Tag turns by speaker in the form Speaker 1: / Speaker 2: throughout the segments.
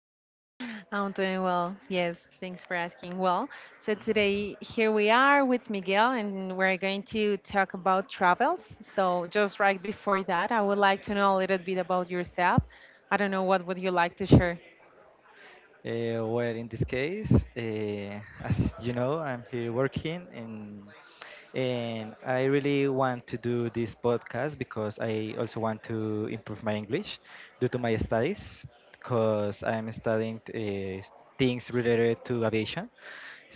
Speaker 1: you?
Speaker 2: I'm doing well. Yes, thanks for asking. Well, so today here we are with Miguel, and we're going to talk about travels. So, just right before that, I would like to know a little bit about yourself. I don't know what would you like to share.
Speaker 1: In this case, as you know, I'm here working and I really want to do this podcast because I also want to improve my English due to my studies because I'm studying things related to aviation.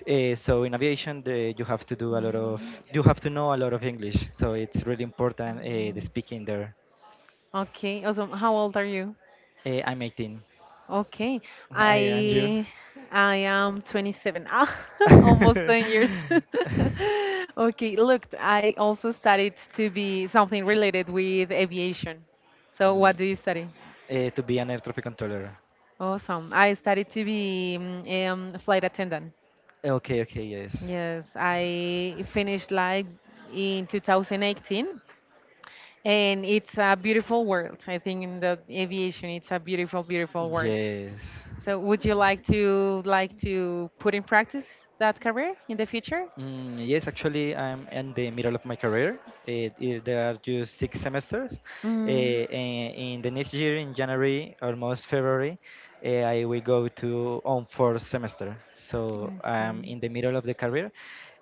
Speaker 1: So in aviation, you have to do a lot of
Speaker 2: Mm,
Speaker 1: you have to know a lot of English. So it's really important the
Speaker 2: yes.
Speaker 1: speaking there.
Speaker 2: Okay. Also, how old are you?
Speaker 1: I'm 18.
Speaker 2: Okay.
Speaker 1: I and you?
Speaker 2: I I am 27. Ah, Almost
Speaker 1: uh,
Speaker 2: 10 years. Okay, look, I also studied to be something related with aviation. So what do you study?
Speaker 1: to be an air traffic controller.
Speaker 2: Awesome. I studied to be a flight attendant.
Speaker 1: Okay, okay, yes.
Speaker 2: Yes, I finished like in 2018, and it's a beautiful world. I think in the aviation it's a beautiful world.
Speaker 1: Yes.
Speaker 2: So would you like to put in practice that career in the future?
Speaker 1: Yes, actually, I'm in the middle of my career. There are just six semesters.
Speaker 2: Mm,
Speaker 1: In the next year, in January, almost February, I will go to on fourth semester. So I'm
Speaker 2: okay.
Speaker 1: in the middle of the career,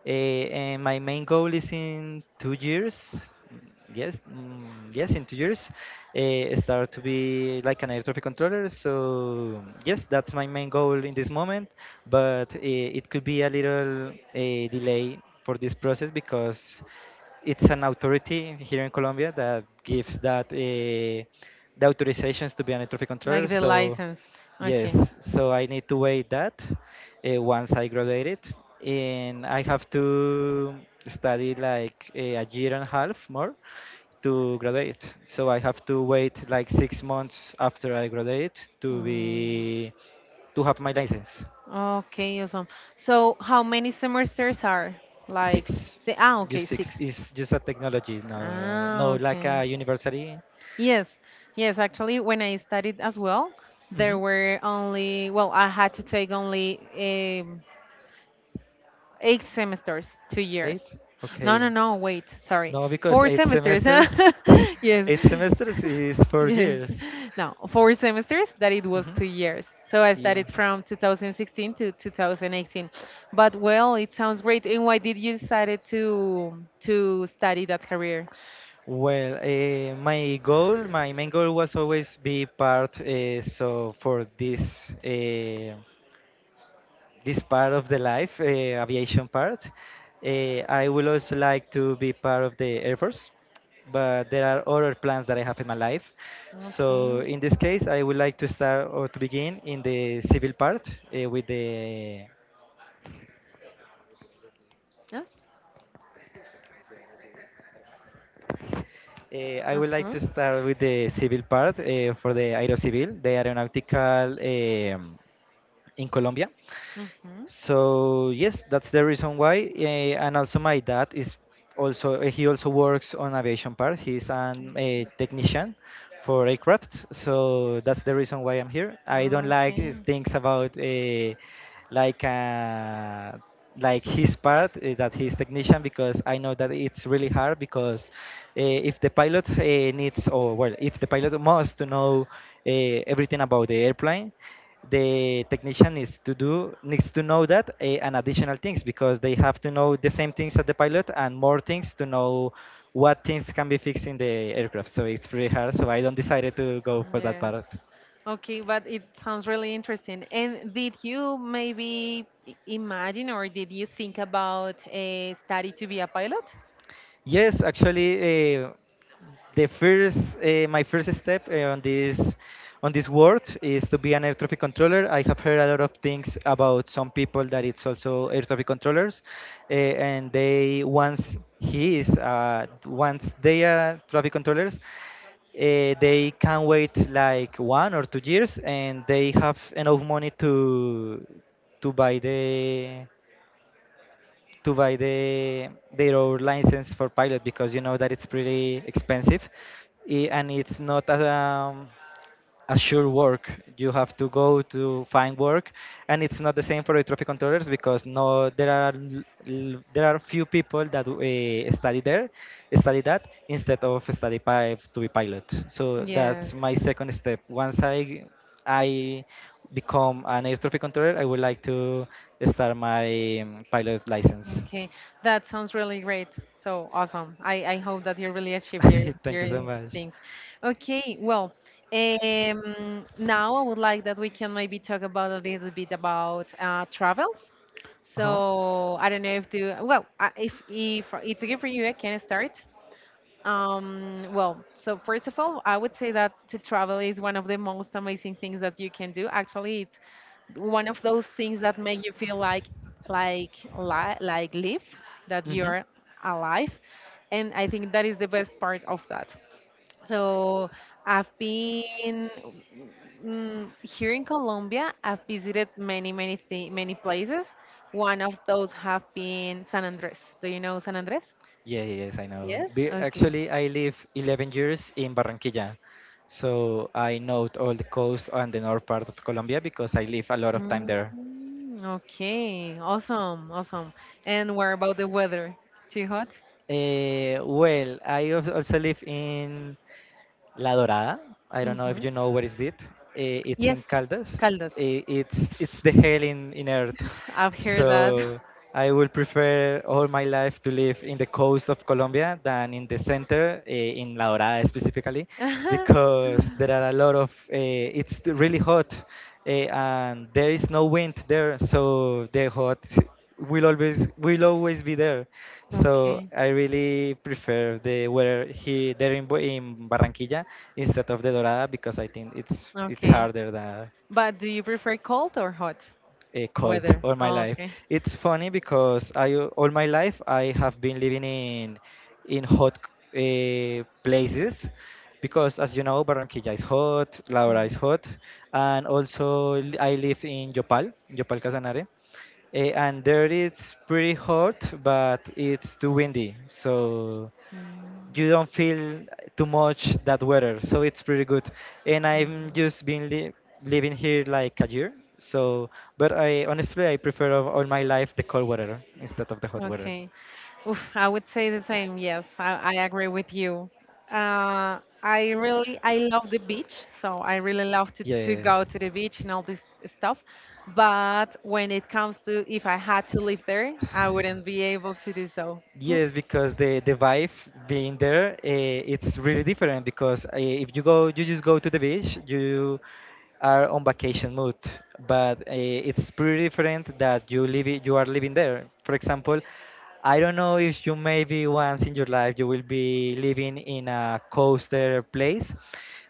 Speaker 1: and my main goal is in 2 years. mm, Yes, yes, in 2 years, start to be like an air traffic controller. So yes, that's my main goal in this moment. But it could be a little delay for this process because it's an authority here in Colombia that gives that the authorizations to be an air traffic controller.
Speaker 2: Like the
Speaker 1: So
Speaker 2: license. Okay.
Speaker 1: yes, so I need to wait that once I graduated, and I have to study like a year and a half more to graduate. So I have to wait like 6 months after I graduate to
Speaker 2: Mm,
Speaker 1: be to have my license.
Speaker 2: okay, awesome. So how many semesters are? Like
Speaker 1: Six,
Speaker 2: say ah okay,
Speaker 1: just
Speaker 2: six.
Speaker 1: six is just a technology, no, no
Speaker 2: Ah,
Speaker 1: like
Speaker 2: okay.
Speaker 1: a university.
Speaker 2: Yes. Yes, actually when I studied as well, there
Speaker 1: Mhm.
Speaker 2: were only well, I had to take only eight semesters, 2 years.
Speaker 1: Eight,
Speaker 2: No,
Speaker 1: okay.
Speaker 2: no, no, wait, sorry.
Speaker 1: No, because
Speaker 2: Four
Speaker 1: eight
Speaker 2: semesters.
Speaker 1: semesters,
Speaker 2: yes.
Speaker 1: eight semesters is four
Speaker 2: yes.
Speaker 1: years.
Speaker 2: No, four semesters that it was
Speaker 1: Mhm.
Speaker 2: 2 years. So I
Speaker 1: Yeah.
Speaker 2: started from 2016 to 2018. But well, it sounds great. And why did you decided to study that career?
Speaker 1: Well, my goal, my main goal was always be part. So for this this part of the life, aviation part, I will also like to be part of the Air Force. But there are other plans that I have in my life. So
Speaker 2: Okay.
Speaker 1: in this case, I would like to start or to begin in the civil part with the
Speaker 2: Yes.
Speaker 1: I would like
Speaker 2: Uh-huh.
Speaker 1: to start with the civil part for the Aerocivil, the aeronautical in Colombia.
Speaker 2: Mhm.
Speaker 1: So yes, that's the reason why. And also my dad is also he also works on aviation part. He's an a technician for aircraft. So that's the reason why I'm here. I don't like
Speaker 2: Okay.
Speaker 1: things about like uh, like his part that he's technician because I know that it's really hard because if the pilot needs or well if the pilot must to know uh, everything about the airplane, the technician needs to do needs to know that and additional things because they have to know the same things as the pilot and more things to know what things can be fixed in the aircraft. So it's pretty hard, so I don't decided to go for that
Speaker 2: Yes.
Speaker 1: part.
Speaker 2: Okay, but it sounds really interesting. And did you maybe imagine or did you think about a study to be a pilot?
Speaker 1: Yes, actually, uh, the first, my first step on this world is to be an air traffic controller. I have heard a lot of things about some people that it's also air traffic controllers, and they once he is once they are traffic controllers, they can wait like 1 or 2 years, and they have enough money to to buy the buy their own license for pilot because you know that it's pretty expensive and it's not a, a sure work. You have to go to find work, and it's not the same for air traffic controllers because no there are there are few people that study there study that instead of to be pilot. So that's
Speaker 2: Yes.
Speaker 1: my second step. Once I become an air traffic controller, I would like to start my pilot license.
Speaker 2: Okay, that sounds really great. So awesome. I hope that you really achieve your
Speaker 1: Thank you so much.
Speaker 2: things. Okay, well, now I would like that we can maybe talk about a little bit about travels.
Speaker 1: Uh-huh.
Speaker 2: So I don't know if if if it's okay for you, I can start. Well, so first of all, I would say that to travel is one of the most amazing things that you can do. Actually, one of those things that make you feel like like live that
Speaker 1: Mhm.
Speaker 2: you're alive. And I think that is the best part of that. So I've been here in Colombia. I've visited many places. One of those have been San Andres. Do you know San Andres?
Speaker 1: Yeah, yeah, yes, I know.
Speaker 2: Yes, okay.
Speaker 1: Actually, I live 11 years in Barranquilla, so I know all the coast and the north part of Colombia because I live a lot of time
Speaker 2: Mm,
Speaker 1: there.
Speaker 2: okay, awesome. And what about the weather? Too hot?
Speaker 1: Well, I also live in La Dorada. I don't know if you know where is it. It's
Speaker 2: Yes,
Speaker 1: in Caldas.
Speaker 2: Caldos.
Speaker 1: It's the hell in Earth.
Speaker 2: I've heard that.
Speaker 1: So I will prefer all my life to live in the coast of Colombia than in the center, in La Dorada specifically, because there are a lot of. It's really hot, and there is no wind there, so the hot will always be there. So
Speaker 2: Okay,
Speaker 1: I really prefer the weather here there in, in Barranquilla instead of the Dorada because I think it's
Speaker 2: okay.
Speaker 1: harder than
Speaker 2: But do you prefer cold or hot
Speaker 1: a cold
Speaker 2: weather?
Speaker 1: all my
Speaker 2: Oh,
Speaker 1: life.
Speaker 2: okay.
Speaker 1: It's funny because I all my life I have been living in hot places because as you know Barranquilla is hot, La Hora is
Speaker 2: Mm,
Speaker 1: hot, and also I live in Yopal, Yopal Casanare. And there it's pretty hot, but it's too windy, so you
Speaker 2: mm.
Speaker 1: don't feel too much that weather. So it's pretty good. And I'm just been li living here like a year. So, but I honestly I prefer of all my life the cold weather instead of the hot weather.
Speaker 2: Okay. Oof, I would say the same. Yes, I agree with you. I really I love the beach, so I really love to,
Speaker 1: Yes.
Speaker 2: go to the beach and all this stuff. But when it comes to if I had to live there, I wouldn't be able to do so.
Speaker 1: Yes,
Speaker 2: Oof,
Speaker 1: because the vibe being there, it's really different. Because if you go, you just go to the beach, you are on vacation mood but it's pretty different that you are living there. For example, I don't know if you maybe once in your life you will be living in a coaster place,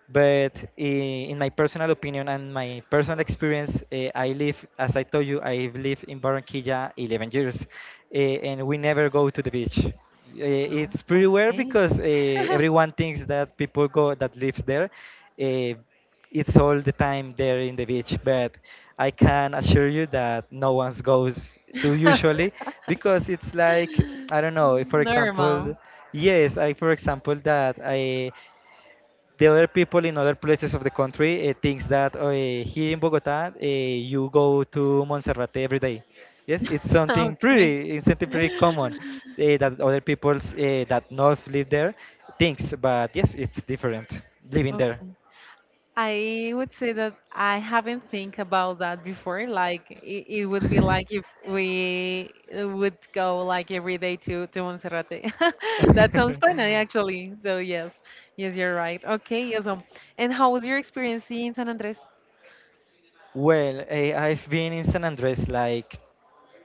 Speaker 1: but in my personal opinion and my personal experience, I live as I told you I live in barranquilla 11 years, uh, and we never go to the beach.
Speaker 2: no.
Speaker 1: It's pretty weird
Speaker 2: Okay.
Speaker 1: because everyone thinks that people go that lives there. Uh, it's all the time there in the beach but I can assure you that no one goes to usually because it's like I don't know. For example,
Speaker 2: Normal.
Speaker 1: yes I for example that I the other people in other places of the country thinks that here in bogota you go to monserrate every day. Yes
Speaker 2: Okay.
Speaker 1: it's something pretty common that other peoples that not live there thinks, but yes it's different living there.
Speaker 2: Okay. I would say that I haven't think about that before. Like it would be like if we would go like every day to Monserrate. That sounds fun, eh, actually. So yes, yes, you're right. Okay, yes. And how was your experience in San Andres?
Speaker 1: Well, I've been in San Andres like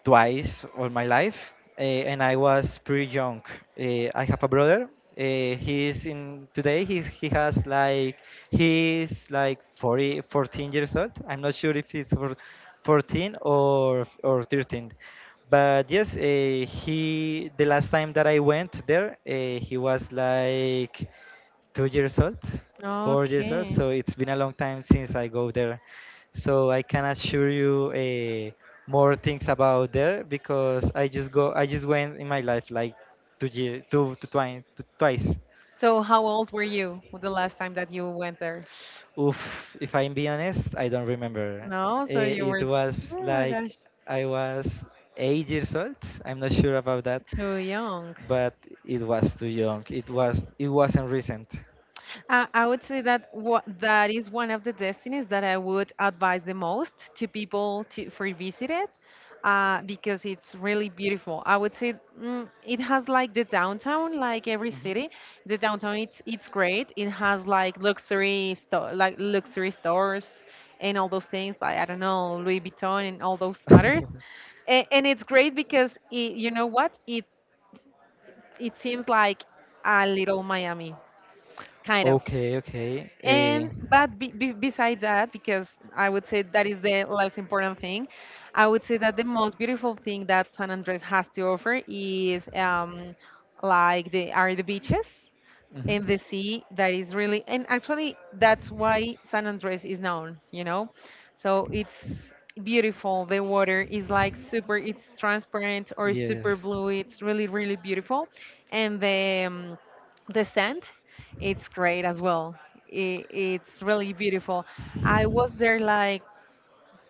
Speaker 1: twice all my life, and I was pretty young. I have a brother. He has like he's like 40, 14 years old. I'm not sure if he's for 14 or 13. But yes, he the last time that I went there, he was like 2 years old, 4 years old.
Speaker 2: Okay.
Speaker 1: So it's been a long time since I go there. So I can assure you more things about there because I just went in my life like two to twice.
Speaker 2: So how old were you the last time that you went there?
Speaker 1: Oof, if I'm being honest, I don't remember.
Speaker 2: No, so you
Speaker 1: Eh, It
Speaker 2: were,
Speaker 1: was
Speaker 2: oh my
Speaker 1: like
Speaker 2: gosh,
Speaker 1: I was 8 years old. I'm not sure about that,
Speaker 2: too young.
Speaker 1: but it was too young. It wasn't recent.
Speaker 2: I would say that what that is one of the destinies that I would advise the most to people to for visit it, because it's really beautiful. I would say it has like the downtown, like every
Speaker 1: Mhm.
Speaker 2: city. The downtown it's great. It has like luxury stores and all those things. Like I don't know Louis Vuitton and all those matters. And it's great because it, you know what? It seems like a little Miami, kind of.
Speaker 1: Okay, okay.
Speaker 2: And but besides that, because I would say that is the less important thing, I would say that the most beautiful thing that San Andres has to offer is like the are the beaches
Speaker 1: Mhm.
Speaker 2: in the sea that is really, and actually that's why San Andres is known, you know. So it's beautiful. The water is like super it's transparent or super
Speaker 1: Yes.
Speaker 2: blue. It's really beautiful. And the sand it's great as well. I it's really beautiful. I was there like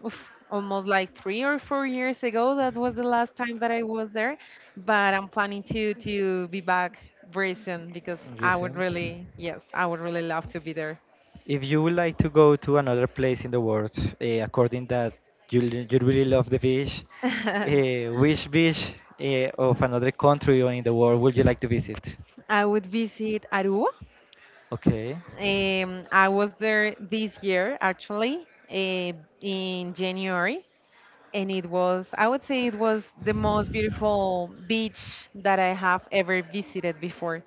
Speaker 2: oof, almost like 3 or 4 years ago. That was the last time that I was there, but I'm planning to be back very soon because I would
Speaker 1: Recent.
Speaker 2: really, yes, I would really love to be there.
Speaker 1: If you would like to go to another place in the world, according that you really love the beach, which beach of another country or in the world would you like to visit?
Speaker 2: I would visit Aruba.
Speaker 1: Okay,
Speaker 2: I was there this year actually in January, and it was, I would say, it was the most beautiful beach that I have ever visited before.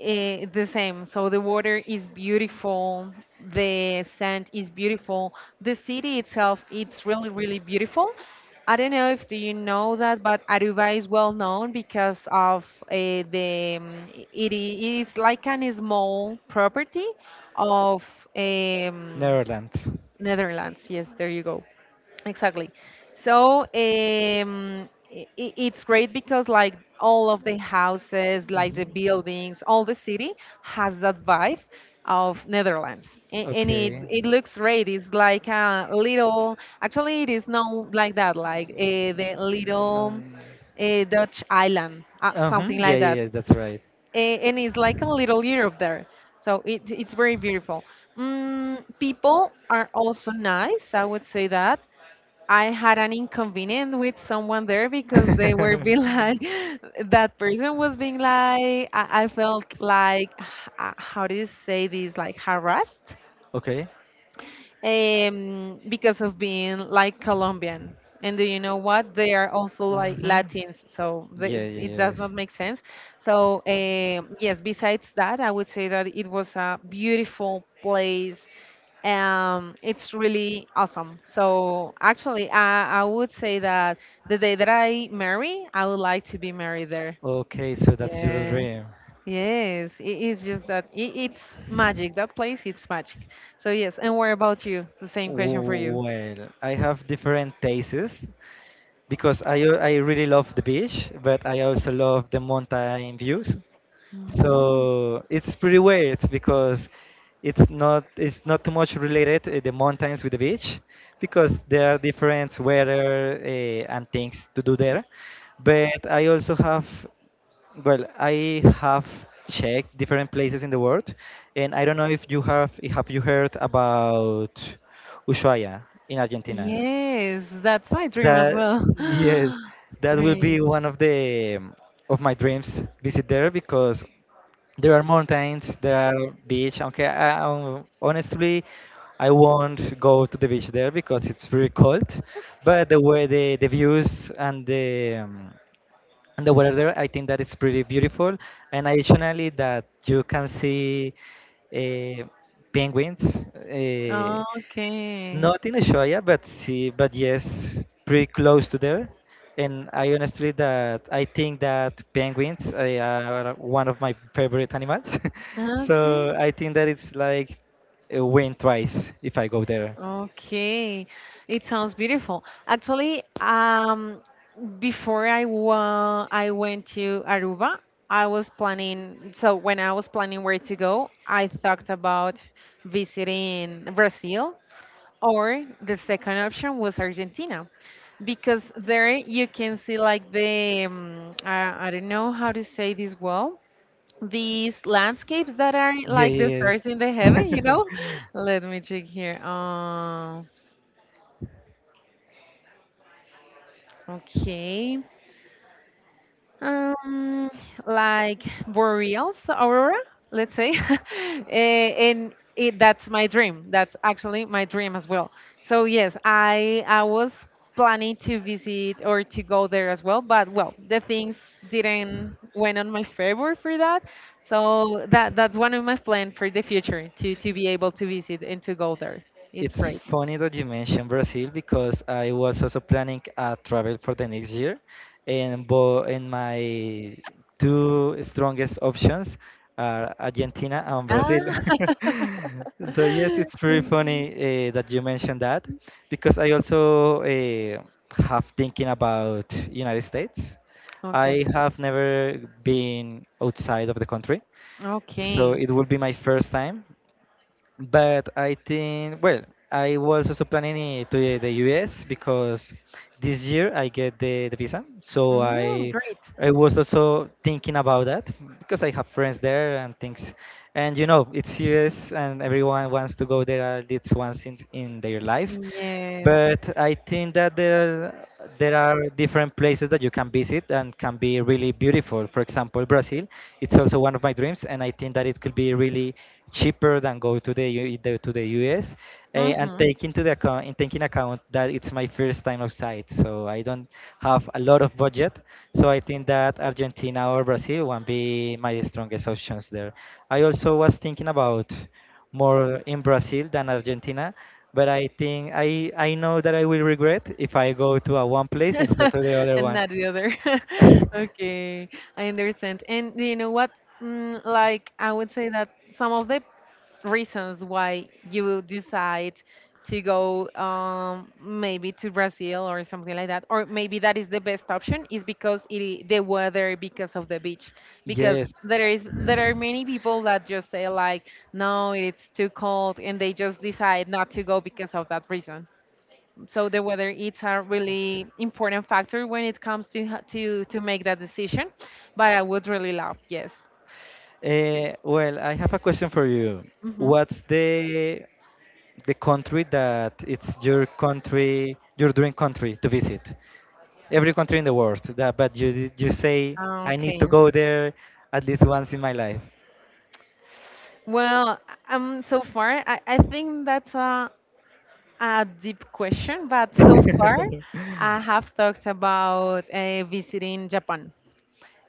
Speaker 2: Eh, the same. So the water is beautiful. The sand is beautiful. The city itself, it's really, really beautiful. I don't know if do you know that, but Aruba is well known because of the it is like an small property of um,
Speaker 1: Netherlands.
Speaker 2: Netherlands. Yes, there you go. Exactly. So it's great because like all of the houses, like the
Speaker 1: Mhm.
Speaker 2: buildings, all the city has that vibe of Netherlands, and, it
Speaker 1: Okay. Mm,
Speaker 2: it looks great. It's like a little. Actually, it is not like that. Like the little Dutch island,
Speaker 1: uh-huh.
Speaker 2: something
Speaker 1: Yeah,
Speaker 2: like
Speaker 1: yeah,
Speaker 2: that.
Speaker 1: yeah, that's right.
Speaker 2: And it's like a little Europe there. So it's very beautiful. Mm, people are also nice, I would say that. I had an inconvenience with someone there because they were being like, that person was being like, I felt like, how do you say this, like harassed
Speaker 1: Okay.
Speaker 2: because of being like Colombian. And do you know what? They are also like
Speaker 1: Mm-hmm.
Speaker 2: Latins, so they,
Speaker 1: Yeah,
Speaker 2: it
Speaker 1: yeah,
Speaker 2: does
Speaker 1: yes.
Speaker 2: not make sense. So um, yes, besides that, I would say that it was a beautiful place it's really awesome. So actually, I would say that the day that I marry, I would like to be married there.
Speaker 1: Okay, so that's your
Speaker 2: Yeah.
Speaker 1: dream.
Speaker 2: Yes. It is just that it, it's magic. That place, it's magic. So yes. And what about you? The same question for you.
Speaker 1: Well, I have different tastes because I really love the beach, but I also love the mountain views.
Speaker 2: Mm.
Speaker 1: So it's pretty weird because it's not too much related the mountains with the beach because there are different weather and things to do there. But I also have well, I have checked different places in the world, and I don't know if you have you heard about Ushuaia in Argentina.
Speaker 2: Yes, that's my dream as
Speaker 1: That
Speaker 2: well.
Speaker 1: yes, that will be
Speaker 2: Great.
Speaker 1: one of the of my dreams visit there because there are mountains, there are beach. Okay, I, honestly, I won't go to the beach there because it's very cold. But the way the views and the weather there, I think that it's pretty beautiful. And additionally, that you can see uh, penguins. Uh,
Speaker 2: Okay.
Speaker 1: Not in Ushuaia, but see, but yes, pretty close to there. And I honestly that I think that penguins are one of my favorite animals.
Speaker 2: Okay.
Speaker 1: So I think that it's like a win twice if I go there.
Speaker 2: Okay, it sounds beautiful. Actually, before I went to Aruba, I was planning. So when I was planning where to go, I thought about visiting Brazil, or the second option was Argentina, because there you can see like the I don't know how to say this well. These landscapes that are like the
Speaker 1: Yes.
Speaker 2: stars in the heaven, you know? Let me check here. Okay. Um, like boreals aurora, let's say. Eh, and it, that's my dream. That's actually my dream as well. So yes, I was planning to visit or to go there as well, but well, the things didn't went on my favor for that. So that that's one of my plans for the future to be able to visit and to go there. It's
Speaker 1: It's
Speaker 2: great.
Speaker 1: funny that you mentioned Brazil because I was also planning a travel for the next year, and bo and my two strongest options are Argentina and
Speaker 2: Ah.
Speaker 1: Brazil. So yes, it's pretty funny
Speaker 2: okay.
Speaker 1: that you mentioned that because I also have thinking about United States. I
Speaker 2: Okay.
Speaker 1: have never been outside of the country, so
Speaker 2: Okay.
Speaker 1: it will be my first time. But I think, well, I was also planning it to the US because this year I get the visa. So
Speaker 2: Mm,
Speaker 1: I
Speaker 2: great.
Speaker 1: I was also thinking about that because I have friends there and things. And you know, it's US and everyone wants to go there at least once in their life.
Speaker 2: Yes.
Speaker 1: But I think that there are different places that you can visit and can be really beautiful. For example, Brazil, it's also one of my dreams, and I think that it could be really cheaper than go to the to the US. And
Speaker 2: hmm
Speaker 1: take into the account in taking account that it's my first time outside, so I don't have a lot of budget. So I think that Argentina or Brazil will be my strongest options there. I also was thinking about more in Brazil than Argentina. But I think I know that I will regret if I go to a one place instead of the other
Speaker 2: and
Speaker 1: one.
Speaker 2: not the other. okay, I understand. And you know what? Mm, like, I would say that some of the reasons why you decide to go maybe to Brazil or something like that, or maybe that is the best option, is because the weather, because of the beach, because
Speaker 1: Yes.
Speaker 2: there is there are many people that just say like, no, it's too cold, and they just decide not to go because of that reason. So the weather it's a really important factor when it comes to to make that decision. But I would really love, yes.
Speaker 1: Well, I have a question for you.
Speaker 2: Hmm.
Speaker 1: What's the country that it's your country, your dream country to visit? Every country in the world, that, but you say I need to
Speaker 2: Okay.
Speaker 1: go there at least once in my life.
Speaker 2: Well, so far I think that's a deep question, but so far I have talked about visiting Japan.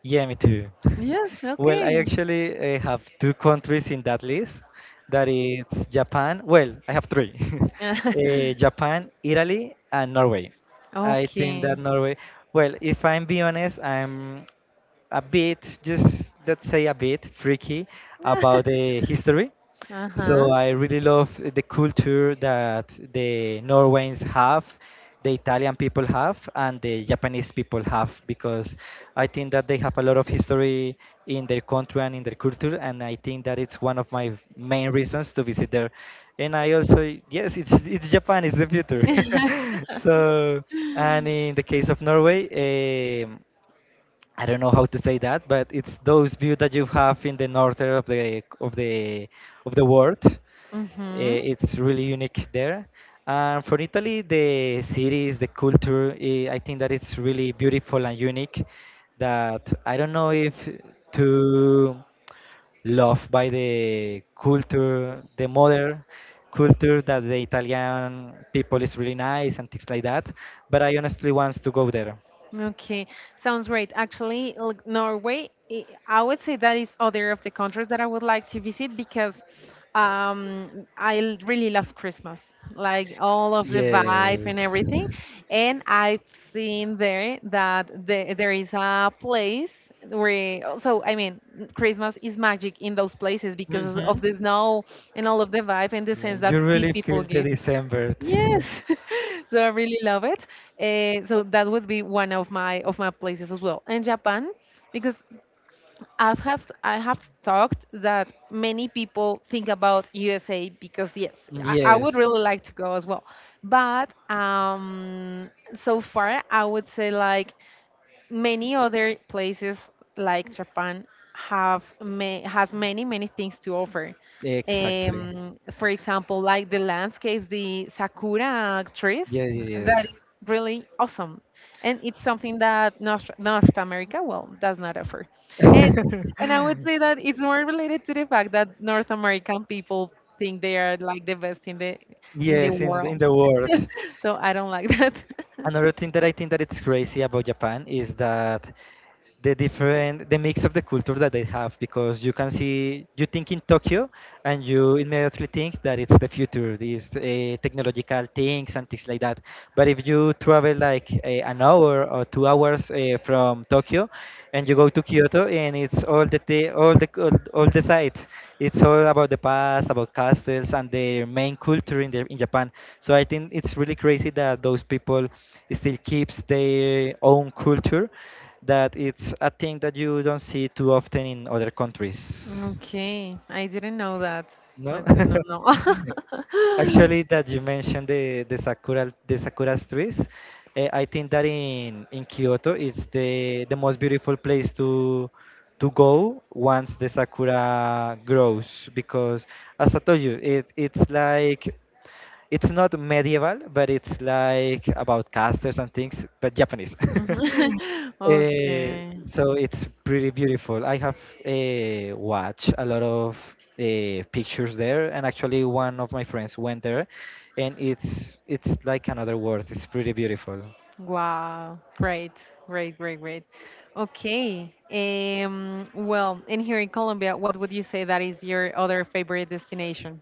Speaker 1: Yeah, me too.
Speaker 2: Yes.
Speaker 1: Well, I
Speaker 2: Okay.
Speaker 1: actually have two countries in that list. That is Japan. Well, I have three. Japan, Italy, and Norway. I think that
Speaker 2: okay.
Speaker 1: Norway. Well, if I'm being honest, I'm a bit, just let's say a bit freaky about the history.
Speaker 2: Uh
Speaker 1: So
Speaker 2: huh.
Speaker 1: I really love the culture that the Norwegians have, the Italian people have, and the Japanese people have, because I think that they have a lot of history in their country and in their culture, and I think that it's one of my main reasons to visit there. And I also, yes, it's Japan, it's the future. So, and in the case of Norway, um, I don't know how to say that, but it's those views that you have in the northern of the of the world
Speaker 2: Mhm.
Speaker 1: it's really unique there. And for Italy, the cities, the culture, I think that it's really beautiful and unique. That I don't know if to love by the culture, the modern culture that the Italian people is really nice and things like that. But I honestly want to go there.
Speaker 2: Okay, sounds great. Actually, Norway, I would say that is other of the countries that I would like to visit because really love Christmas, like all of the vibe and
Speaker 1: Yes.
Speaker 2: everything. And I've seen there that there is a place where, so I mean, Christmas is magic in those places because of
Speaker 1: Hmm.
Speaker 2: the snow and all of the vibe and the
Speaker 1: Yeah,
Speaker 2: sense that
Speaker 1: you
Speaker 2: these
Speaker 1: really
Speaker 2: people
Speaker 1: feel the
Speaker 2: give.
Speaker 1: December.
Speaker 2: Yes, so I really love it. So that would be one of my places as well. And Japan, because I have talked that many people think about USA because yes, I would
Speaker 1: Yes,
Speaker 2: really like to go as well. But so far I would say like many other places like Japan has many many things to offer.
Speaker 1: exactly.
Speaker 2: For example, like the landscapes, the sakura trees,
Speaker 1: Yes,
Speaker 2: that
Speaker 1: yes,
Speaker 2: is really awesome, and it's something that North America well does not offer. And
Speaker 1: yes.
Speaker 2: I would say that it's more related to the fact that North American people think they are like the best in the
Speaker 1: Yes, in the- in
Speaker 2: world.
Speaker 1: the world.
Speaker 2: So I don't like that.
Speaker 1: Another thing that I think that it's crazy about Japan is that the different the mix of the culture that they have because you can see you think in Tokyo and you immediately think that it's the future these technological things and things like that but if you travel like an hour or 2 hours from Tokyo and you go to Kyoto and it's all the site it's all about the past about castles and their main culture in in Japan so I think it's really crazy that those people still keeps their own culture that it's a thing that you don't see too often in other countries.
Speaker 2: Okay, I didn't know that. I
Speaker 1: No?
Speaker 2: didn't know. No.
Speaker 1: Actually, that you mentioned the sakura trees, I think that in Kyoto it's the most beautiful place to go once the sakura grows because as I told you, it's like it's not medieval, but it's like about casters and things, but Japanese.
Speaker 2: Mhm.
Speaker 1: Uh,
Speaker 2: Okay.
Speaker 1: so it's pretty beautiful. I have watched a lot of pictures there, and actually one of my friends went there, and it's like another world. It's pretty beautiful.
Speaker 2: Wow. Great. Great. Great. Great. Okay. Well, and here in Colombia, what would you say that is your other favorite destination?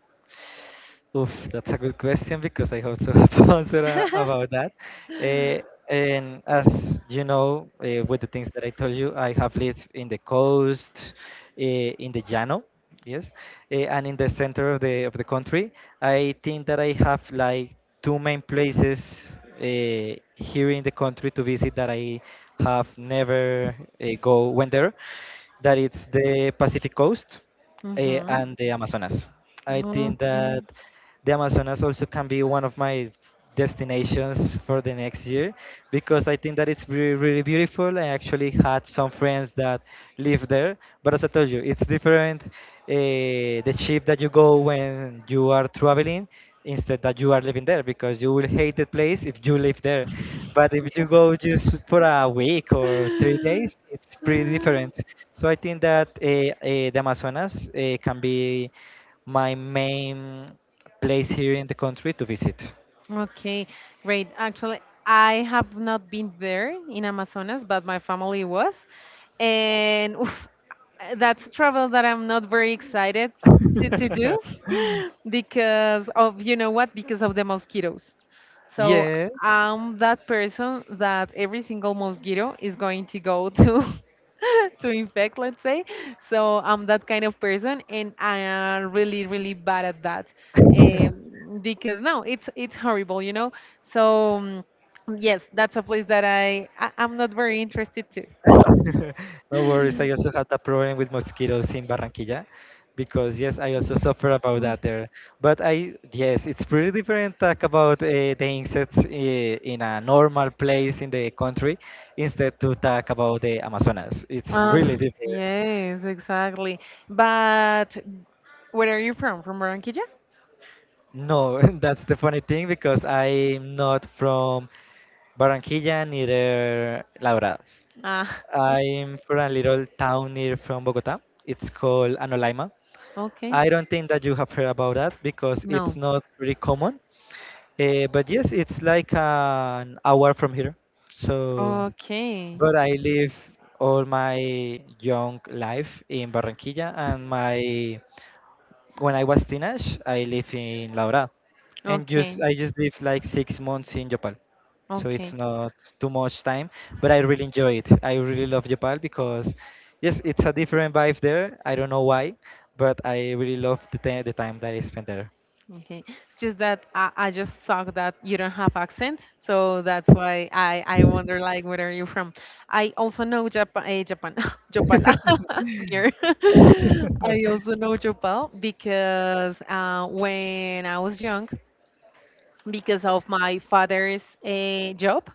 Speaker 1: Oof, that's a good question because I also have answer about that. Eh, and as you know, with the things that I told you, I have lived in the coast, in the Llano, yes, and in the center of the country. I think that I have like two main places here in the country to visit that I have never go went there. That it's the Pacific Coast
Speaker 2: Mm-hmm.
Speaker 1: and the Amazonas. I think
Speaker 2: Okay.
Speaker 1: that the Amazonas also can be one of my destinations for the next year because I think that it's really, really beautiful. I actually had some friends that live there, but as I told you, it's different. The ship that you go when you are traveling instead that you are living there because you will hate the place if you live there. But if you go just for a week or 3 days, it's pretty different. So I think that the Amazonas can be my main place here in the country to visit.
Speaker 2: Okay, great. Actually, I have not been there in Amazonas, but my family was. And oof, that's travel that I'm not very excited to do because of, because of the mosquitoes. So
Speaker 1: Yeah,
Speaker 2: I'm that person that every single mosquito is going to go to to infect, let's say. So I'm that kind of person, and I am really, really bad at that because no, it's horrible, So yes, that's a place that I'm not very interested to.
Speaker 1: no worries. I also had that problem with mosquitoes in Barranquilla because yes, I also suffer about
Speaker 2: Mm.
Speaker 1: that there. But I yes, it's pretty different talk about the insects in a normal place in the country instead to talk about the Amazonas. It's
Speaker 2: Uh,
Speaker 1: really different.
Speaker 2: yes, exactly. But where are you from? From Barranquilla?
Speaker 1: No, that's the funny thing because I'm not from Barranquilla, neither Laura.
Speaker 2: Ah,
Speaker 1: I'm from a little town near from Bogota. It's called Anolaima.
Speaker 2: okay.
Speaker 1: I don't think that you have heard about that because it's
Speaker 2: No.
Speaker 1: not really common. But yes, it's like an hour from here. So,
Speaker 2: Okay.
Speaker 1: but I live all my young life in Barranquilla, and my when I was teenage, I live in Laura, and
Speaker 2: Okay.
Speaker 1: just I just live like 6 months in Japan, so it's
Speaker 2: Okay.
Speaker 1: not too much time. But I really enjoy it. I really love Japan because, yes, it's a different vibe there. I don't know why, but I really love the time that I spent there.
Speaker 2: Okay. It's just that I just thought that you don't have accent, so that's why I wonder like where are you from. I also know Japan, Japan, Jopal, near. I also know Jopal because when I was young, because of my father's job,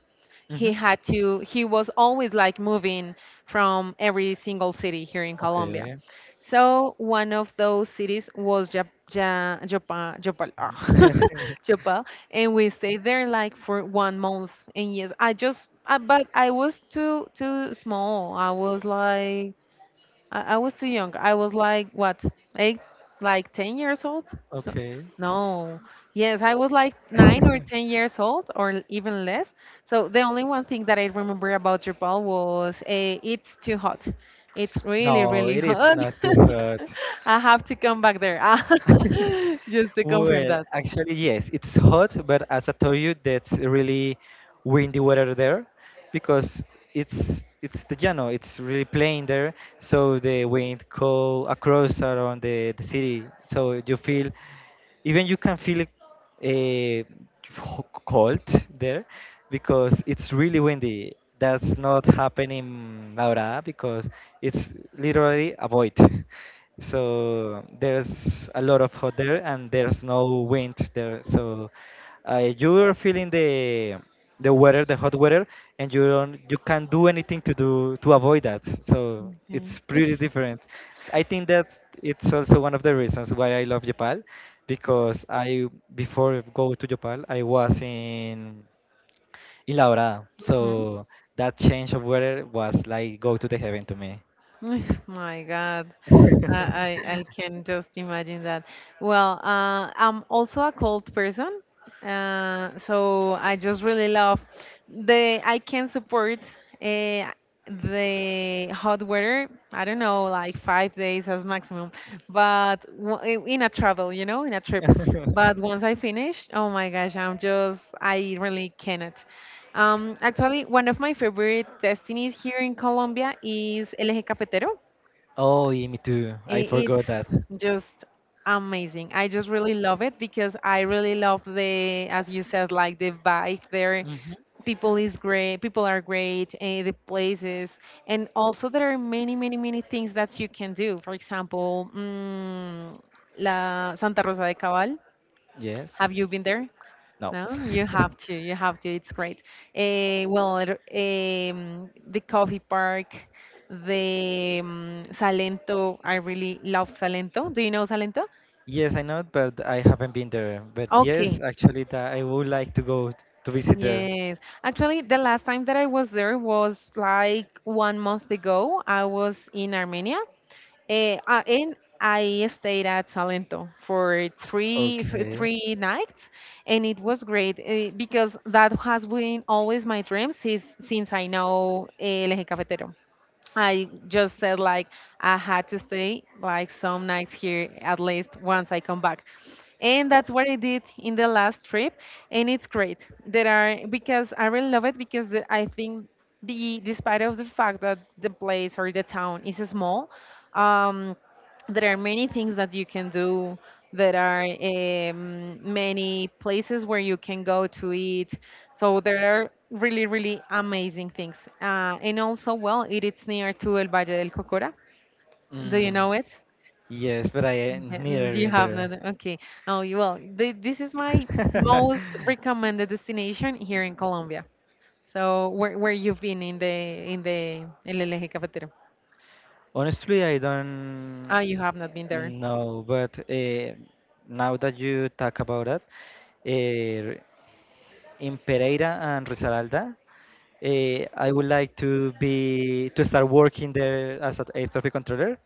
Speaker 2: he
Speaker 1: Hmm.
Speaker 2: had to. He was always like moving from every single city here in Colombia.
Speaker 1: Okay.
Speaker 2: So one of those cities was Jopal, Jopal, ah, Jopal, and we stayed there like for one month. And yes, I just, but I was too small. I was like I was too young. I was like what, eight, like 10 years old. So
Speaker 1: Okay.
Speaker 2: no, yes, I was like nine or ten years old, or even less. So the only one thing that I remember about Drupal was it's too hot. It's really,
Speaker 1: No,
Speaker 2: really
Speaker 1: it is
Speaker 2: hot.
Speaker 1: not too hard.
Speaker 2: I have to come back there just to confirm
Speaker 1: Well,
Speaker 2: that.
Speaker 1: actually, yes, it's hot, but as I told you, that's really windy weather there because it's the Llano, it's really plain there, so the wind go across around the city, so you feel even you can feel cold there because it's really windy. That's not happening in Laura because it's literally a void. So there's a lot of hot there and there's no wind there. So you're feeling the weather, the hot weather, and you can't do anything to do to avoid that. So
Speaker 2: Okay.
Speaker 1: it's pretty different. I think that it's also one of the reasons why I love Japan because I before go to Yopal I was in La Dorada,
Speaker 2: Mhm.
Speaker 1: so that change of weather was like go to the heaven to me.
Speaker 2: My God. I can just imagine that. Well, I'm also a cold person, so I just really love the. I can support uh, the hot weather. I don't know, like 5 days as maximum, but in a travel, you know, in a trip. But once I finish, oh my gosh, I'm just I really cannot. Actually, one of my favorite destinies here in Colombia is El Eje Cafetero.
Speaker 1: Oh, yeah, me too. I forgot
Speaker 2: It's
Speaker 1: that.
Speaker 2: just amazing. I just really love it because I really love the, as you said, like the vibe there.
Speaker 1: Hmm.
Speaker 2: People is great. People are great. The places, and also there are many, many, many things that you can do. For example, mm, La Santa Rosa de Cabal.
Speaker 1: Yes.
Speaker 2: Have you been there?
Speaker 1: No.
Speaker 2: No, you have to. You have to. It's great. Well, the coffee park, the Salento. I really love Salento. Do you know Salento?
Speaker 1: Yes, I know, it, but I haven't been there. But yes,
Speaker 2: Okay.
Speaker 1: actually, that I would like to go to visit there.
Speaker 2: Yes. Actually, the last time that I was there was like one month ago. I was in Armenia. And I stayed at Salento for
Speaker 1: Okay.
Speaker 2: three nights, and it was great because that has been always my dream since I know El Eje Cafetero. I just said like I had to stay like some nights here at least once I come back. And that's what I did in the last trip, and it's great. There are because I really love it because the, I think the despite of the fact that the place or the town is small, um, there are many things that you can do. There are many places where you can go to eat. So there are really, really amazing things. And also, well, it is near to El Valle del Cocora. Do you
Speaker 1: Mm,
Speaker 2: know it?
Speaker 1: yes, but I ain't
Speaker 2: Okay, mm,
Speaker 1: neither
Speaker 2: you
Speaker 1: been
Speaker 2: have not.
Speaker 1: there.
Speaker 2: Okay. Oh, you will. This is my most recommended destination here in Colombia. So where you've been in the El Eje Cafetero?
Speaker 1: Honestly, I don't
Speaker 2: Ah, you have not been there.
Speaker 1: know, but now that you talk about it, uh, in Pereira and Risaralda, I would like to be to start working there as an air traffic controller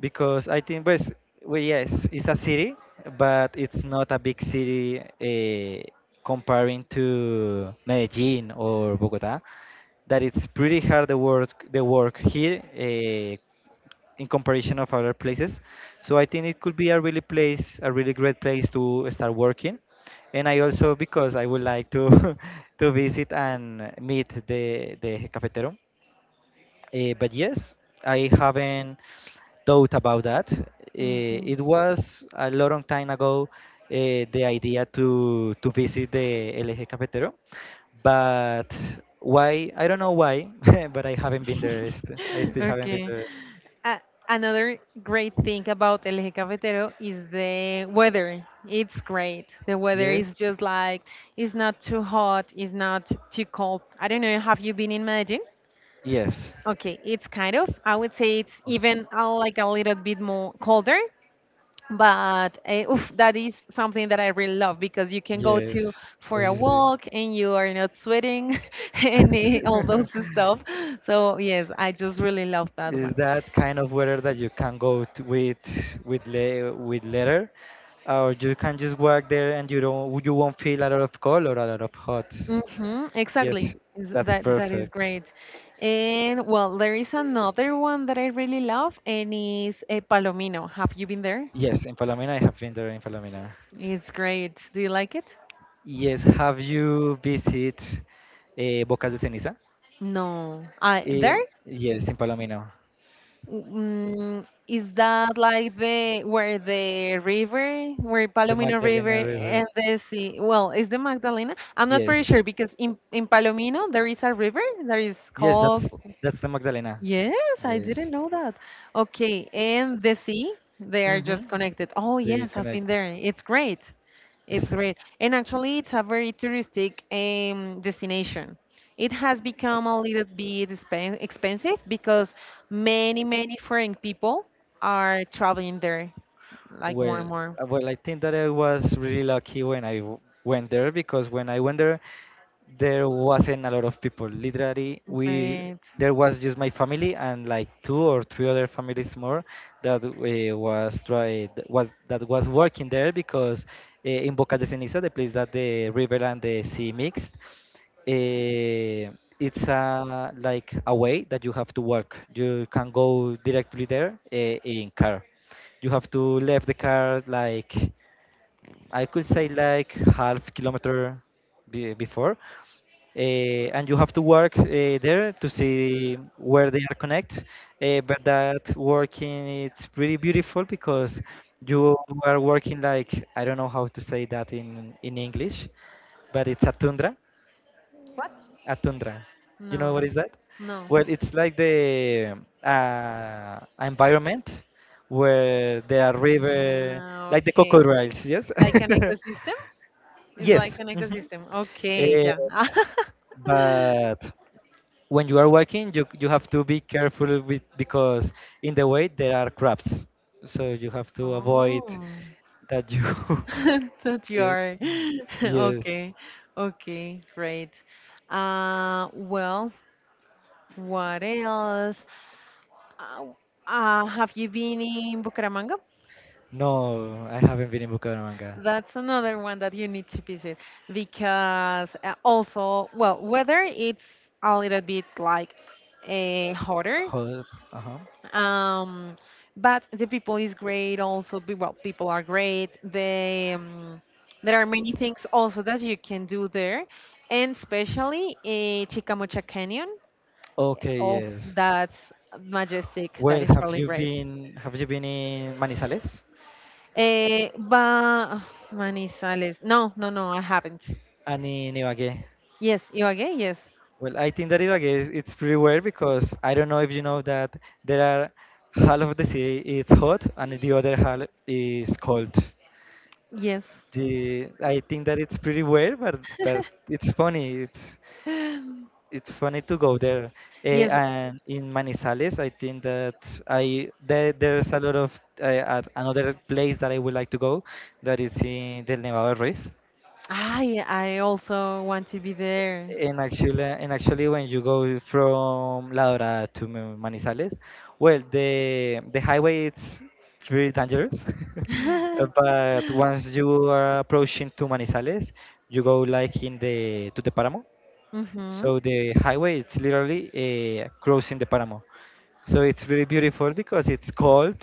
Speaker 1: because I think, pues, well, yes, it's a city, but it's not a big city comparing to Medellin or Bogota. That it's pretty hard the work here in comparison of other places. So I think it could be a really place, a really great place to start working. And I also because I would like to to visit and meet the cafetero. But yes, I haven't thought about that.
Speaker 2: Okay.
Speaker 1: It was a long time ago the idea to visit the LG Eje Cafetero, but why? I don't know why, but I haven't been there. I still haven't been
Speaker 2: Okay.
Speaker 1: there.
Speaker 2: A another great thing about El Eje Cafetero is the weather. It's great. The weather
Speaker 1: Yes,
Speaker 2: is just like, it's not too hot, it's not too cold. I don't know, have you been in Medellin?
Speaker 1: yes,
Speaker 2: Okay, it's kind of, I would say it's even like a little bit more colder, but oof, that is something that I really love because you can go to
Speaker 1: yes.
Speaker 2: for a
Speaker 1: Obviously,
Speaker 2: walk and you are not sweating and all those stuff. So yes, I just really love that
Speaker 1: is
Speaker 2: one.
Speaker 1: that kind of weather that you can go to with le with leather, or you can just walk there and you won't feel a lot of cold or a lot of hot.
Speaker 2: Hmm, exactly.
Speaker 1: Yes, that's
Speaker 2: That that is
Speaker 1: perfect.
Speaker 2: great. And well, there is another one that I really love and is a Palomino. Have you been there?
Speaker 1: Yes, in Palomino, I have been there in Palomino.
Speaker 2: It's great. Do you like it?
Speaker 1: Yes, have you visited Bocas de Ceniza?
Speaker 2: No. I there?
Speaker 1: Eh, yes, in Palomino,
Speaker 2: Mm, is that like the where the river, where
Speaker 1: the
Speaker 2: Palomino
Speaker 1: Magdalena
Speaker 2: River
Speaker 1: River.
Speaker 2: and the sea? Well, is the Magdalena? I'm not pretty
Speaker 1: Yes,
Speaker 2: sure because in Palomino there is a river that is
Speaker 1: yes,
Speaker 2: called.
Speaker 1: that's the Magdalena.
Speaker 2: Yes, I
Speaker 1: Yes.
Speaker 2: didn't know that. Okay, and the sea, they are
Speaker 1: Mm-hmm.
Speaker 2: just connected. Oh
Speaker 1: They
Speaker 2: yes, I've been
Speaker 1: connect.
Speaker 2: there. It's great. It's
Speaker 1: Yes.
Speaker 2: great. And actually, it's a very touristic destination. It has become a little bit expensive because many, many foreign people are traveling there, like more and
Speaker 1: Well,
Speaker 2: more.
Speaker 1: well, I think that I was really lucky when went there because when I went there, there wasn't a lot of people. Literally, we
Speaker 2: Great.
Speaker 1: there was just my family and like two or three other families more that was tried was that was working there because in Boca de Ceniza, the place that the river and the sea mixed, uh, it's a like a way that you have to walk. You can go directly there in car. You have to leave the car like I could say like half kilometer be before, and you have to work there to see where they are connect. But that working it's pretty beautiful because you are working like I don't know how to say that in English, but it's a tundra,
Speaker 2: What?
Speaker 1: a tundra. You know what
Speaker 2: No,
Speaker 1: is that?
Speaker 2: no.
Speaker 1: Well, it's like the environment where there are river,
Speaker 2: Ah,
Speaker 1: like the
Speaker 2: okay.
Speaker 1: crocodiles, yes.
Speaker 2: Like an ecosystem? It's like
Speaker 1: Yes.
Speaker 2: an
Speaker 1: Mhm.
Speaker 2: ecosystem. Okay,
Speaker 1: Eh,
Speaker 2: yeah.
Speaker 1: but when you are walking, you have to be careful with because in the way there are crabs, so you have to avoid
Speaker 2: Oh.
Speaker 1: that you.
Speaker 2: that you
Speaker 1: Yes.
Speaker 2: are,
Speaker 1: Yes.
Speaker 2: okay, okay, great. Well, what else? uh, have you been in Bucaramanga?
Speaker 1: No, I haven't been in Bucaramanga.
Speaker 2: That's another one that you need to visit because also well weather it's a little bit like hotter,
Speaker 1: Joder. Uh-huh.
Speaker 2: um, but the people is great also well people are great they, there are many things also that you can do there, and especially Chicamocha Canyon.
Speaker 1: Okay.
Speaker 2: Oh,
Speaker 1: Yes.
Speaker 2: that's majestic, that
Speaker 1: Well,
Speaker 2: is
Speaker 1: have
Speaker 2: really
Speaker 1: you
Speaker 2: great.
Speaker 1: been have you been in Manizales
Speaker 2: But Manizales, no, no, no, I haven't.
Speaker 1: and in Ibagué?
Speaker 2: Yes, you again, yes,
Speaker 1: Well, I think that in Ibagué it's pretty weird because I don't know if you know that there are half of the city is hot and the other half is cold.
Speaker 2: yes.
Speaker 1: The I think that it's pretty weird, but it's funny. It's it's funny to go there.
Speaker 2: yes,
Speaker 1: And in Manizales, I think that I there, there's a lot of at another place that I would like to go that is in the Nevado Ruiz.
Speaker 2: I also want to be there.
Speaker 1: And actually, when you go from La Dorada to Manizales, well, the highway it's very dangerous. Uh, But once you are approaching to Manizales, you go like in the to the Paramo.
Speaker 2: mm-hmm.
Speaker 1: So the highway it's literally crossing the Paramo. So it's really beautiful because it's cold,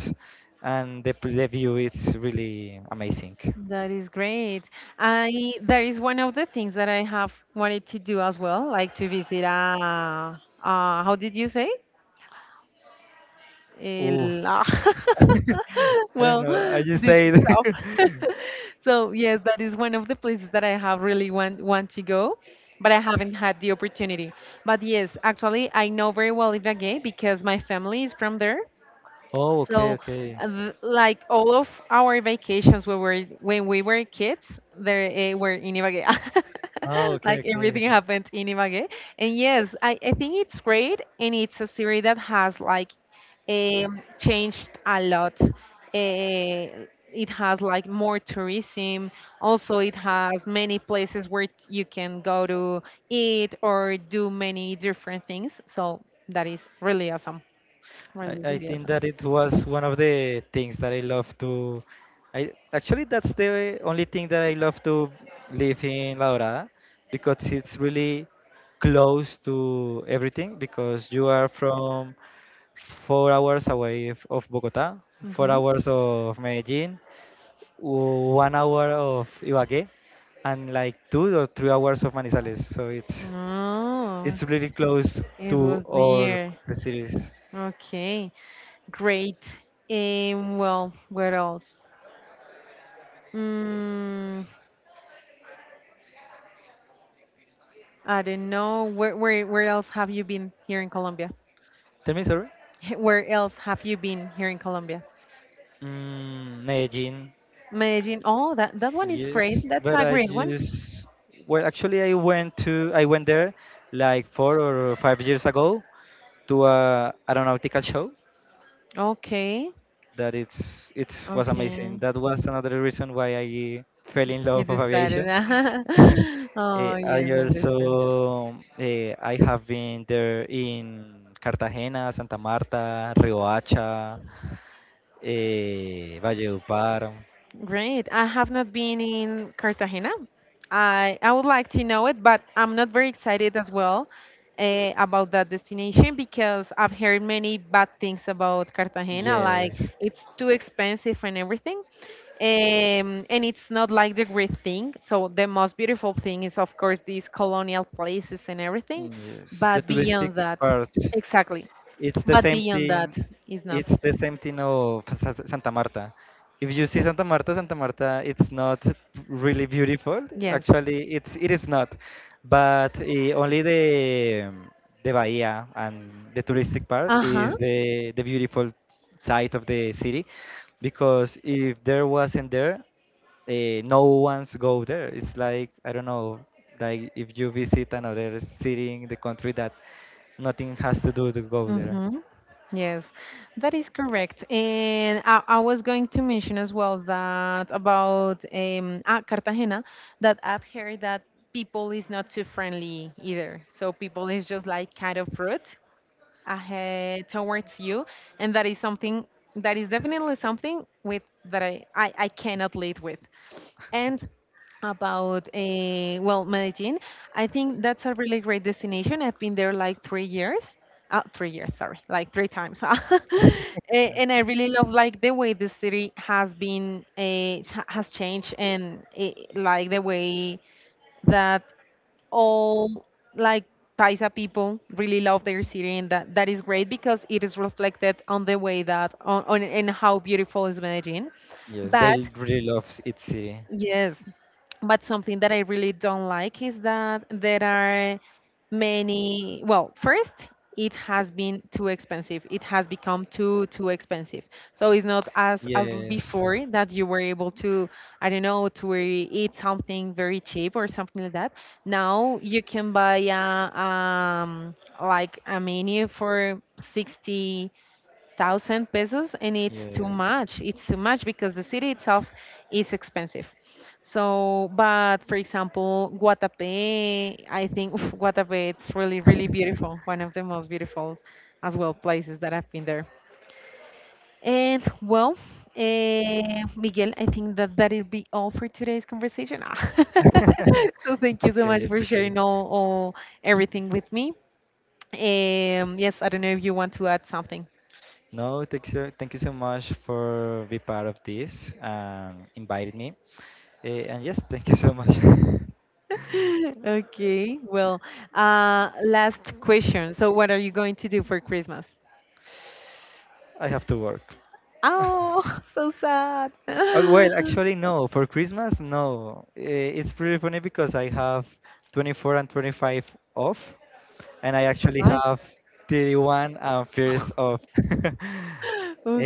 Speaker 1: and the, the view is really amazing.
Speaker 2: That is great. I that is one of the things that I have wanted to do as well, like to visit a, how did you say?
Speaker 1: Oof.
Speaker 2: El, ah,
Speaker 1: I don't
Speaker 2: well,
Speaker 1: know. I just
Speaker 2: this
Speaker 1: say it.
Speaker 2: stuff. So yes, that is one of the places that I have really want to go, but I haven't had the opportunity. But yes, actually, I know very well Ibagué because my family is from there.
Speaker 1: Oh, okay,
Speaker 2: So,
Speaker 1: okay.
Speaker 2: like all of our vacations when we were kids, they were in Ibagué.
Speaker 1: Oh, okay,
Speaker 2: Like
Speaker 1: okay.
Speaker 2: everything happened in Ibagué. And yes, I think it's great, and it's a series that has like changed a lot. It has like more tourism. Also, it has many places where you can go to eat or do many different things. So that is really awesome.
Speaker 1: I,
Speaker 2: Really,
Speaker 1: I
Speaker 2: really
Speaker 1: think
Speaker 2: awesome.
Speaker 1: that it was one of the things that I love to. I actually that's the only thing that I love to live in La Dorada because it's really close to everything because you are from 4 hours away of Bogota, four
Speaker 2: Mm-hmm.
Speaker 1: hours of Medellin, 1 hour of Ibagué, and like 2 or 3 hours of Manizales. So
Speaker 2: Oh,
Speaker 1: it's really close
Speaker 2: it
Speaker 1: to
Speaker 2: was
Speaker 1: all
Speaker 2: near.
Speaker 1: the cities.
Speaker 2: Okay, great. Well, where else? Mm, I don't know. Where else have you been here in Colombia?
Speaker 1: Tell me, sorry.
Speaker 2: Where else have you been here in Colombia?
Speaker 1: Mm, Medellin.
Speaker 2: Medellin. Oh, that one is great.
Speaker 1: Yes,
Speaker 2: That's
Speaker 1: but
Speaker 2: a
Speaker 1: I
Speaker 2: great one.
Speaker 1: just well, actually, I went there like 4 or 5 years ago to a aeronautical show
Speaker 2: Okay,
Speaker 1: that it was
Speaker 2: okay.
Speaker 1: amazing. That was another reason why I fell in
Speaker 2: You
Speaker 1: love of
Speaker 2: decided.
Speaker 1: aviation.
Speaker 2: Oh,
Speaker 1: I
Speaker 2: yes, I understand.
Speaker 1: also I have been there in Cartagena, Santa Marta, Riohacha, Valledupar.
Speaker 2: Great. I have not been in Cartagena. I would like to know it, but I'm not very excited as well about that destination because I've heard many bad things about Cartagena, like
Speaker 1: Yes,
Speaker 2: it's too expensive and everything. And it's not like the great thing. So the most beautiful thing is of course these colonial places and everything,
Speaker 1: yes. The
Speaker 2: but
Speaker 1: touristic
Speaker 2: beyond that,
Speaker 1: part.
Speaker 2: exactly.
Speaker 1: It's the
Speaker 2: But
Speaker 1: same
Speaker 2: beyond
Speaker 1: thing.
Speaker 2: that is not.
Speaker 1: It's the same thing of Santa Marta. If you see Santa Marta, it's not really beautiful.
Speaker 2: Yes.
Speaker 1: Actually, it is not, but only the bahia and the touristic part
Speaker 2: Uh-huh.
Speaker 1: is the beautiful side of the city, because if there wasn't there, no one's go there. It's like I don't know, like if you visit another city in the country that nothing has to do to go there.
Speaker 2: Mm-hmm. Yes, that is correct. And I was going to mention as well that about Cartagena, that I've heard that people is not too friendly either. So people is just like kind of rude ahead towards you, and that is something that is definitely something with that I cannot live with. And about well, Medellin, I think that's a really great destination. I've been there like 3 years. 3 years, sorry, like three times. And I really love like the way the city has been has changed and like the way that all like Paisa people really love their city and that that is great because it is reflected on the way that on and how beautiful is Medellin.
Speaker 1: Yes, they
Speaker 2: But
Speaker 1: really love its city.
Speaker 2: yes, but something that I really don't like is that there are many. Well, first, it has been too expensive. It has become too expensive. So it's not as as
Speaker 1: Yes,
Speaker 2: before that you were able to, I don't know, to eat something very cheap or something like that. Now you can buy a like a menu for 60,000 pesos, and it's
Speaker 1: yes.
Speaker 2: too much because the city itself is expensive. So but for example, Guatapé, I think, oof, Guatapé, it's really really beautiful, one of the most beautiful as well places that I've been there. And well, Miguel, I think that that'll be all for today's conversation. Ah. so thank
Speaker 1: It's
Speaker 2: you so
Speaker 1: okay.
Speaker 2: much for
Speaker 1: It's okay.
Speaker 2: sharing all everything with me. Yes, I don't know if you want to add something.
Speaker 1: No, thank you so much for be part of this and invited me. And yes, thank you so much.
Speaker 2: Okay, well, last question. So, what are you going to do for Christmas?
Speaker 1: I have to work.
Speaker 2: Oh, so sad.
Speaker 1: Oh, well, actually, no. For Christmas, no. It's pretty funny because I have 24 and 25 off, and I actually
Speaker 2: Right.
Speaker 1: have 31 and first off.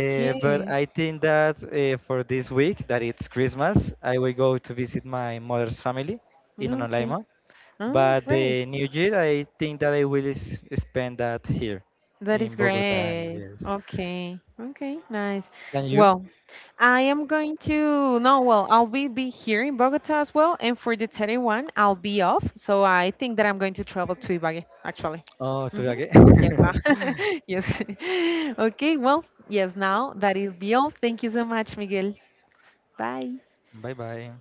Speaker 1: But I think that for this week, that it's Christmas, I will go to visit my mother's family in
Speaker 2: okay.
Speaker 1: Anolaima.
Speaker 2: Oh,
Speaker 1: But
Speaker 2: great.
Speaker 1: the New Year, I think that I will spend that here
Speaker 2: That is
Speaker 1: in Bogota.
Speaker 2: great.
Speaker 1: Yes.
Speaker 2: Okay, okay, nice.
Speaker 1: And you?
Speaker 2: Well, I am going to no, well, I'll be here in Bogota as well, and for the 31st, I'll be off. So I think that I'm going to travel to Ibagué, actually.
Speaker 1: Oh, tôi là
Speaker 2: Hmm.
Speaker 1: ghét.
Speaker 2: Yes. ah, yes. Okay, well, yes, now that is all. Thank you so much, Miguel. Bye.
Speaker 1: Bye bye.